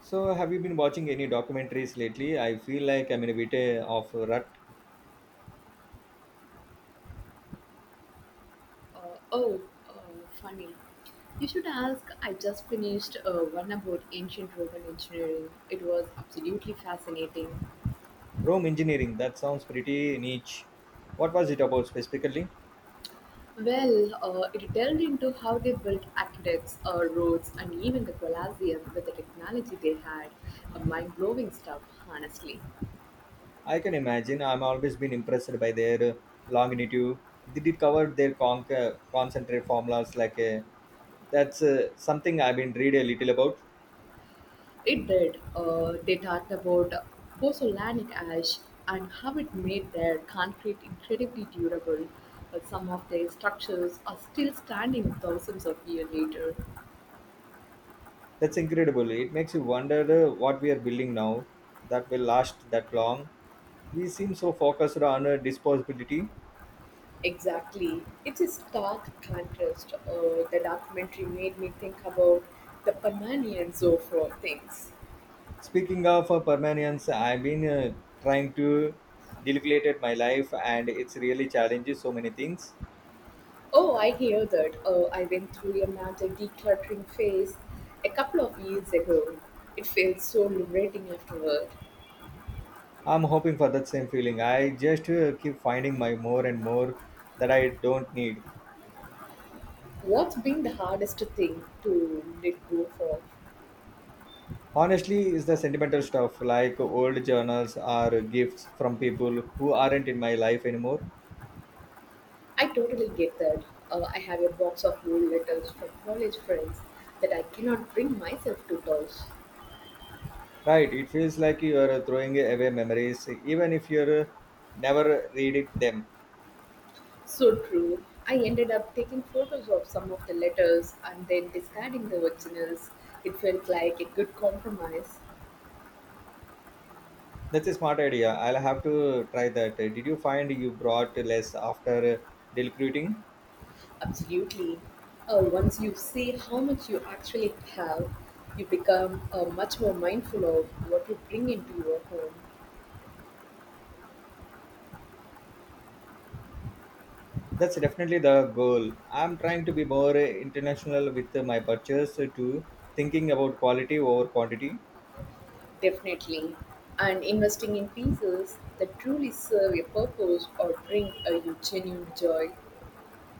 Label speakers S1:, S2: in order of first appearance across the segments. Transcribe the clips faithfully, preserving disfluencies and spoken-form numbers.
S1: So, have you been watching any documentaries lately? I feel like I'm in a bit uh, of a rut.
S2: Uh, oh, uh, funny. you should ask. I just finished uh, one about ancient Roman engineering. It was absolutely fascinating.
S1: Rome engineering, that sounds pretty niche. What was it about specifically?
S2: Well, uh, it delved into how they built aqueducts, uh, roads, and even the Colosseum with the technology they had. Uh, mind blowing stuff, honestly.
S1: I can imagine. I'm always been impressed by their uh, longitude. Did it cover their conc- uh, concentrate formulas like uh, that's uh, something I've been read a little about.
S2: It did. Uh, they talked about pozzolanic ash and how it made their concrete incredibly durable. But some of their structures are still standing thousands of years later.
S1: That's incredible. It makes you wonder uh, what we are building now that will last that long. We seem so focused on uh, disposability.
S2: Exactly. It's a stark contrast. Uh, the documentary made me think about the Pananian Zofro things.
S1: Speaking of uh, permanence, I've been uh, trying to delegate it my life, and it's really challenges so many things.
S2: Oh, I hear that. Uh, I went through a mental decluttering phase a couple of years ago. It felt so liberating afterward.
S1: I'm hoping for that same feeling. I just uh, keep finding my more and more that I don't need.
S2: What's been the hardest thing to let go for?
S1: Honestly, is the sentimental stuff like old journals or gifts from people who aren't in my life anymore.
S2: I totally get that. Uh, I have a box of old letters from college friends that I cannot bring myself to touch.
S1: Right, it feels like you are throwing away memories, even if you're uh, never read it them.
S2: So true. I ended up taking photos of some of the letters and then discarding the originals. It felt like a good compromise.
S1: That's a smart idea. I'll have to try that. Uh, Did you find you brought less after uh, recruiting?
S2: Absolutely. Uh, once you see how much you actually have, you become uh, much more mindful of what you bring into your home.
S1: That's definitely the goal. I'm trying to be more uh, international with uh, my purchase uh, too, thinking about quality over quantity.
S2: Definitely. And investing in pieces that truly serve a purpose or bring a you genuine joy.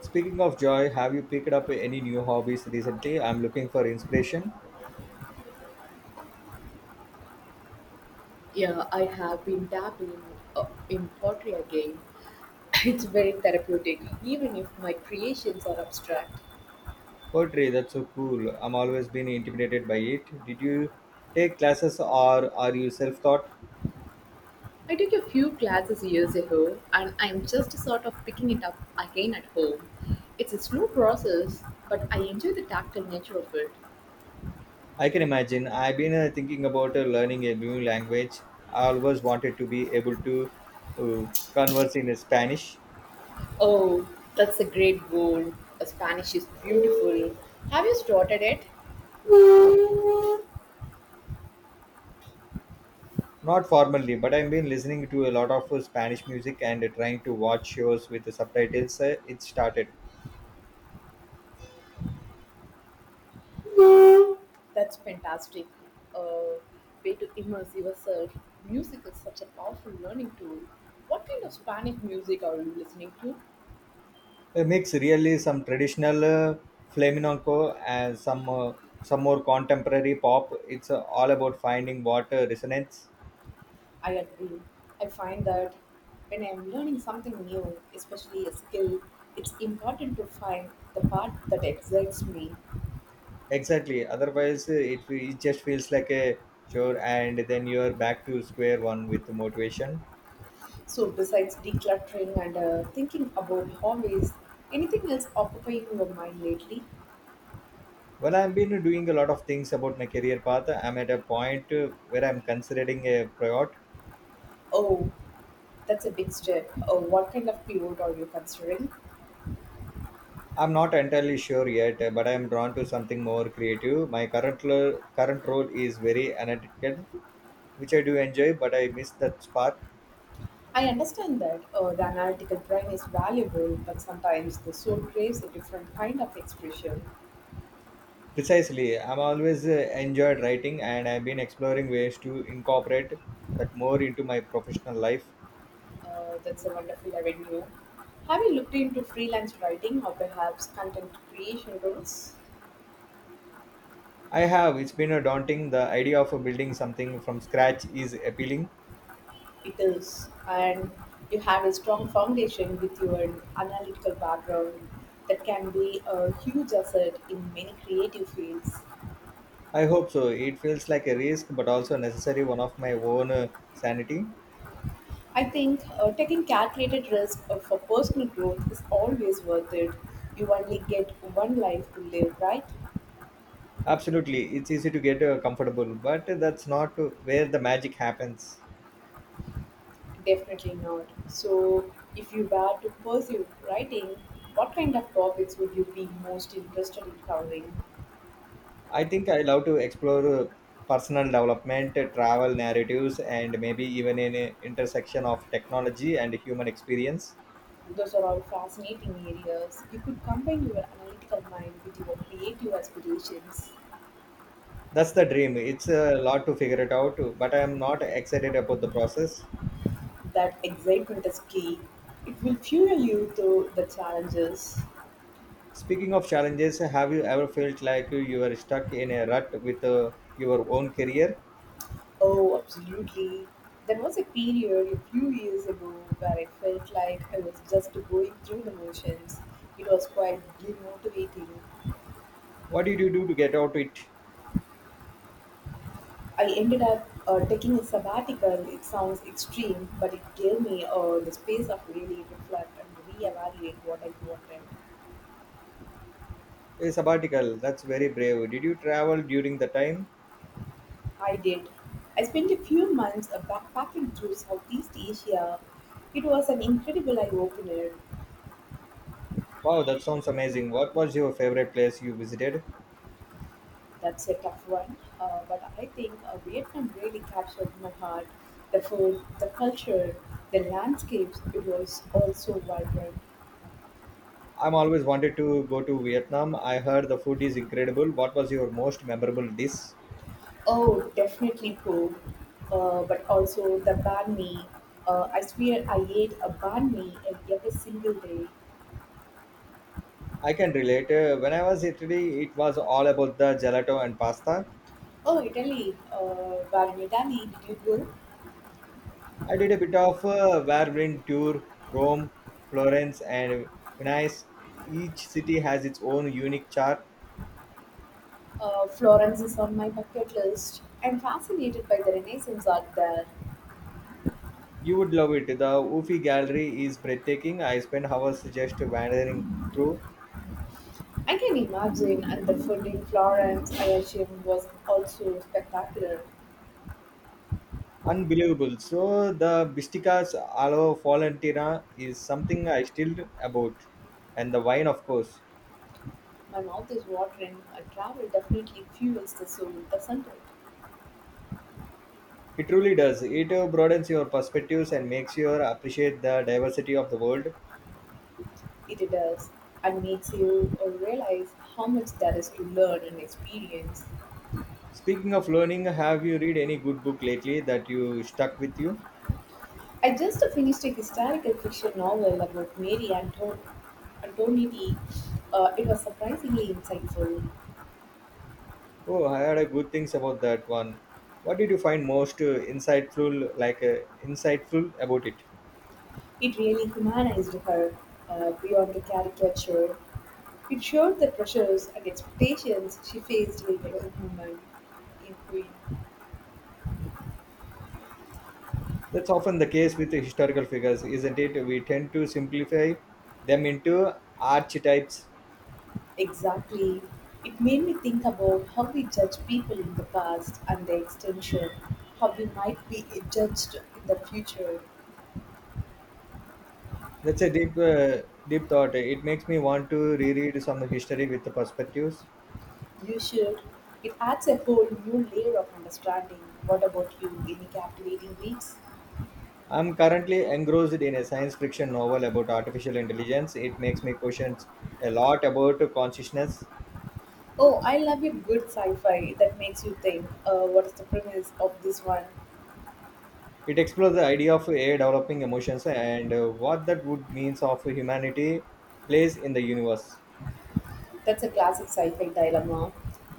S1: Speaking of joy, have you picked up any new hobbies recently? I'm looking for inspiration.
S2: Yeah, I have been dabbling uh, in pottery again. It's very therapeutic, even if my creations are abstract.
S1: Poetry, that's so cool. I'm always been intimidated by it. Did you take classes or are you self-taught?
S2: I took a few classes years ago, and I'm just sort of picking it up again at home. It's a slow process, but I enjoy the tactile nature of it.
S1: I can imagine. I've been uh, thinking about uh, learning a new language. I always wanted to be able to uh, converse in Spanish,
S2: Oh, that's a great goal. Uh, Spanish is beautiful. Have you started it?
S1: not formally, but I've been listening to a lot of uh, Spanish music and uh, trying to watch shows with the subtitles. Uh, it started
S2: That's fantastic. Uh, Way to immerse yourself. Music is such a powerful learning tool. What kind of Spanish music are you listening to?
S1: a mix, really, some traditional uh, flamenco and some uh, some more contemporary pop. It's uh, all about finding what uh, resonates.
S2: I agree. I find that when I'm learning something new, especially a skill, it's important to find the part that excites me.
S1: Exactly. Otherwise, uh, it, fe- it just feels like a chore, and then you're back to square one with the motivation.
S2: So, besides decluttering and uh, thinking about hobbies, anything else occupying your mind lately?
S1: Well, I've been doing a lot of things about my career path. I'm at a point uh, where I'm considering a pivot.
S2: Oh, that's a big step. Uh, what kind of pivot are you considering?
S1: I'm not entirely sure yet, uh, but I'm drawn to something more creative. My current lo- current role is very analytical, which I do enjoy, but I miss that spark.
S2: I understand that uh, the analytical brain is valuable, but sometimes the soul craves a different kind of expression.
S1: Precisely, I'm always uh, enjoyed writing, and I've been exploring ways to incorporate that more into my professional life.
S2: Uh, that's a wonderful avenue. Have you looked into freelance writing or perhaps content creation roles?
S1: I have. It's been a daunting. The idea of building something from scratch is appealing.
S2: It is, and you have a strong foundation with your analytical background that can be a huge asset in many creative fields.
S1: I hope so. It feels like a risk, but also a necessary one of my own uh, sanity.
S2: I think uh, taking calculated risk uh, for personal growth is always worth it. You only get one life to live, right?
S1: Absolutely. It's easy to get uh, comfortable, but that's not uh, where the magic happens.
S2: Definitely not. So, if you were to pursue writing, what kind of topics would you be most interested in covering?
S1: I think I love to explore uh, personal development, uh, travel narratives, and maybe even an uh, intersection of technology and human experience.
S2: Those are all fascinating areas. You could combine your analytical mind with your creative aspirations.
S1: That's the dream. It's a lot to figure it out, but I am not excited about the process.
S2: That excitement is key. It will fuel you through the challenges.
S1: Speaking of challenges, have you ever felt like you were stuck in a rut with uh, your own career?
S2: Oh, absolutely. There was a period a few years ago where I felt like I was just going through the motions. It was quite demotivating.
S1: What did you do to get out it?
S2: I ended up uh, taking a sabbatical. It sounds extreme, but it gave me uh, the space of really reflect and reevaluate what I wanted.
S1: A sabbatical. That's very brave. Did you travel during the time?
S2: I did. I spent a few months uh, backpacking through Southeast Asia. It was an incredible eye opener.
S1: Wow, that sounds amazing. What was your favorite place you visited?
S2: That's a tough one, uh, but I think uh, Vietnam really captured my heart. The food, the culture, the landscapes, it was also vibrant.
S1: I'm always wanted to go to Vietnam. I heard the food is incredible. What was your most memorable dish?
S2: Oh, definitely food, uh, but also the banh mi. Uh, I swear I ate a banh mi every single day.
S1: I can relate. Uh, When I was in Italy, it was all about the gelato and pasta.
S2: Oh, Italy, uh, where in Italy did you go?
S1: I did a bit of a whirlwind tour, Rome, Florence, and Venice. Each city has its own unique chart.
S2: Uh, Florence is on my bucket list. I'm fascinated by the Renaissance art there.
S1: You would love it. The Uffizi Gallery is breathtaking. I spent hours just wandering through.
S2: I can imagine, and the food in Florence, I assume, was also spectacular.
S1: Unbelievable. So the Bistica's Alo Valentina is something I still about. And the wine, of course.
S2: My mouth is watering. Uh, travel definitely fuels the soul, doesn't it?
S1: It truly does. It uh, broadens your perspectives and makes you appreciate the diversity of the world.
S2: It does, and makes you uh, realize how much there is to learn and experience.
S1: Speaking of learning, have you read any good book lately that you stuck with you?
S2: I just finished a historical fiction novel about Mary Anto- Antonetti. Uh, it was surprisingly insightful.
S1: Oh, I had a good things about that one. What did you find most uh, insightful, like uh, insightful about it?
S2: It really humanized her, uh, beyond the caricature. It showed the pressures and expectations she faced later in a woman in Queen.
S1: That's often the case with the historical figures, isn't it? We tend to simplify them into archetypes.
S2: Exactly. It made me think about how we judge people in the past and the extension, how we might be judged in the future.
S1: That's a deep, uh, deep thought. It makes me want to reread some history with the perspectives.
S2: You should. It adds a whole new layer of understanding. What about you? Any captivating reads?
S1: I'm currently engrossed in a science fiction novel about artificial intelligence. It makes me question a lot about consciousness.
S2: Oh, I love a good sci fi that makes you think uh, what is the premise of this one?
S1: It explores the idea of A I developing emotions and uh, what that would means of humanity place in the universe.
S2: That's a classic sci fi dilemma,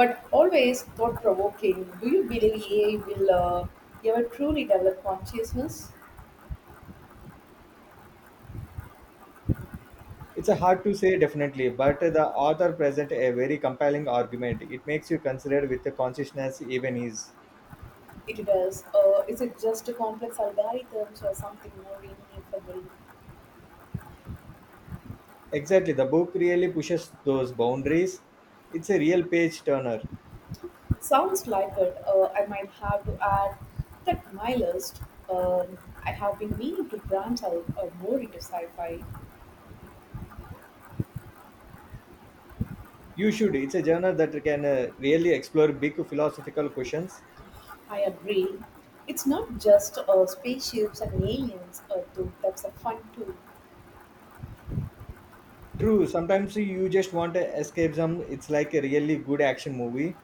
S2: but always thought provoking. Do you believe A I will uh, ever truly develop consciousness?
S1: It's a hard to say definitely, but the author present a very compelling argument. It makes you consider with the consciousness even is.
S2: It does. Uh, is it just a complex algorithms or something more meaningful?
S1: Exactly, the book really pushes those boundaries. It's a real page turner.
S2: Sounds like it. Uh, I might have to add that to my list. Um, I have been meaning to branch out uh, more into sci fi.
S1: You should. It's a journal that can uh, really explore big philosophical questions.
S2: I agree. It's not just uh, spaceships and aliens, uh, though that's a fun too.
S1: True, sometimes you just want a escapism. It's like a really good action movie.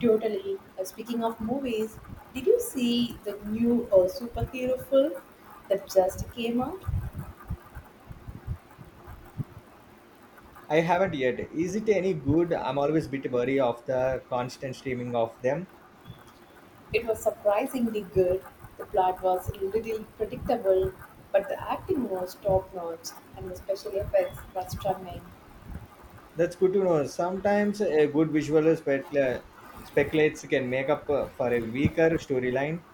S2: Totally. Uh, speaking of movies, did you see the new uh, superhero film that just came out?
S1: I haven't yet. Is it any good? I'm always a bit wary of the constant streaming of them.
S2: It was surprisingly good. The plot was a little predictable, but the acting was top notch, and the special effects were stunning.
S1: That's good to know. Sometimes a good visual specula- speculates can make up uh, for a weaker storyline.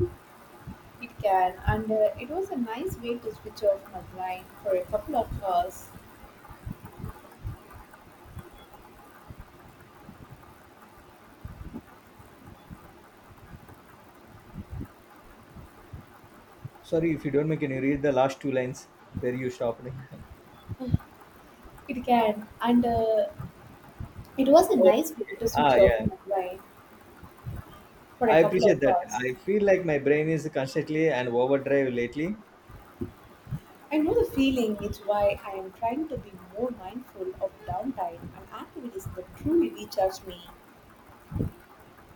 S2: It can, and uh, it was a nice way to switch off my mind for a couple of hours.
S1: Sorry if you don't make can you read the last two lines where you stopped.
S2: It can, and uh, it was a
S1: Oh,
S2: nice way to
S1: ah,
S2: switch off
S1: yeah.
S2: my mind for a
S1: I
S2: couple of
S1: appreciate that.
S2: hours.
S1: I feel like my brain is constantly an overdrive lately,
S2: I know the feeling, it's why I am trying to be more mindful of downtime and activities that truly recharge me.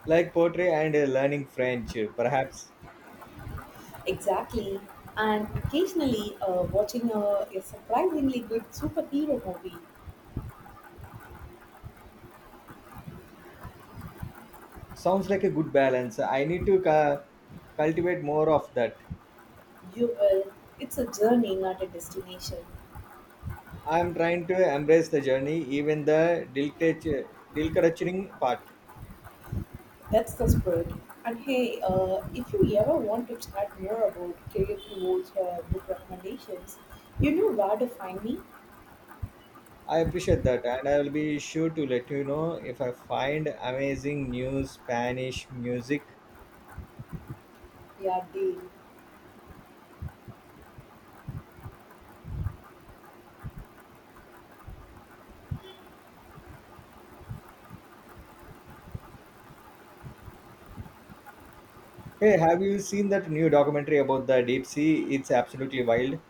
S1: like poetry and uh, learning French, perhaps.
S2: Exactly. And occasionally uh, watching a, a surprisingly good superhero movie.
S1: Sounds like a good balance. I need to cu- cultivate more of that.
S2: You will. It's a journey, not a destination.
S1: I'm trying to embrace the journey, even the deal deal part.
S2: That's the spirit. And hey, uh, if you ever want to chat more about career towards uh, book recommendations, you know where to find me?
S1: I appreciate that, and I will be sure to let you know if I find amazing new Spanish music.
S2: Yeah, Dave.
S1: Hey, have you seen that new documentary about the deep sea? It's absolutely wild.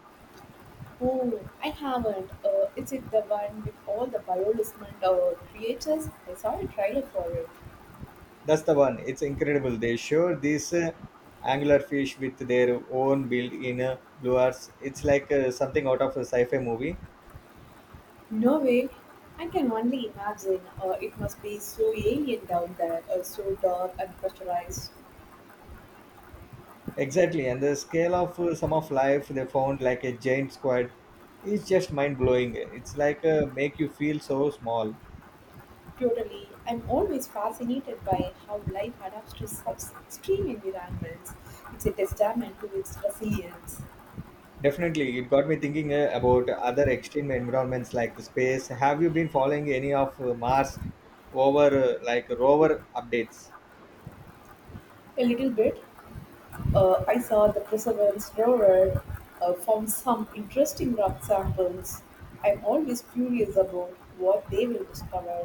S2: Oh, I haven't. Uh, is it the one with all the bioluminescent uh, creatures? I saw a trailer for it.
S1: That's the one. It's incredible. They show these uh, anglerfish with their own built-in uh, lures. It's like uh, something out of a sci-fi movie.
S2: No way. I can only imagine. Uh, it must be so alien down there, uh, so dark and pressurized.
S1: Exactly, and the scale of uh, some of life they found like a giant squid is just mind blowing. It's like uh, make you feel so small.
S2: Totally. I'm always fascinated by how life adapts to such extreme environments. It's a testament to its resilience.
S1: Definitely, it got me thinking uh, about other extreme environments like space. Have you been following any of uh, Mars over uh, like rover updates?
S2: A little bit, Uh, I saw the Perseverance rover, uh, found some interesting rock samples. I'm always curious about what they will discover.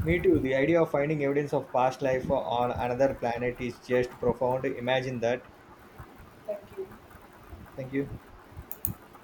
S1: Me too. The idea of finding evidence of past life on another planet is just profound. Imagine that.
S2: Thank you.
S1: Thank you.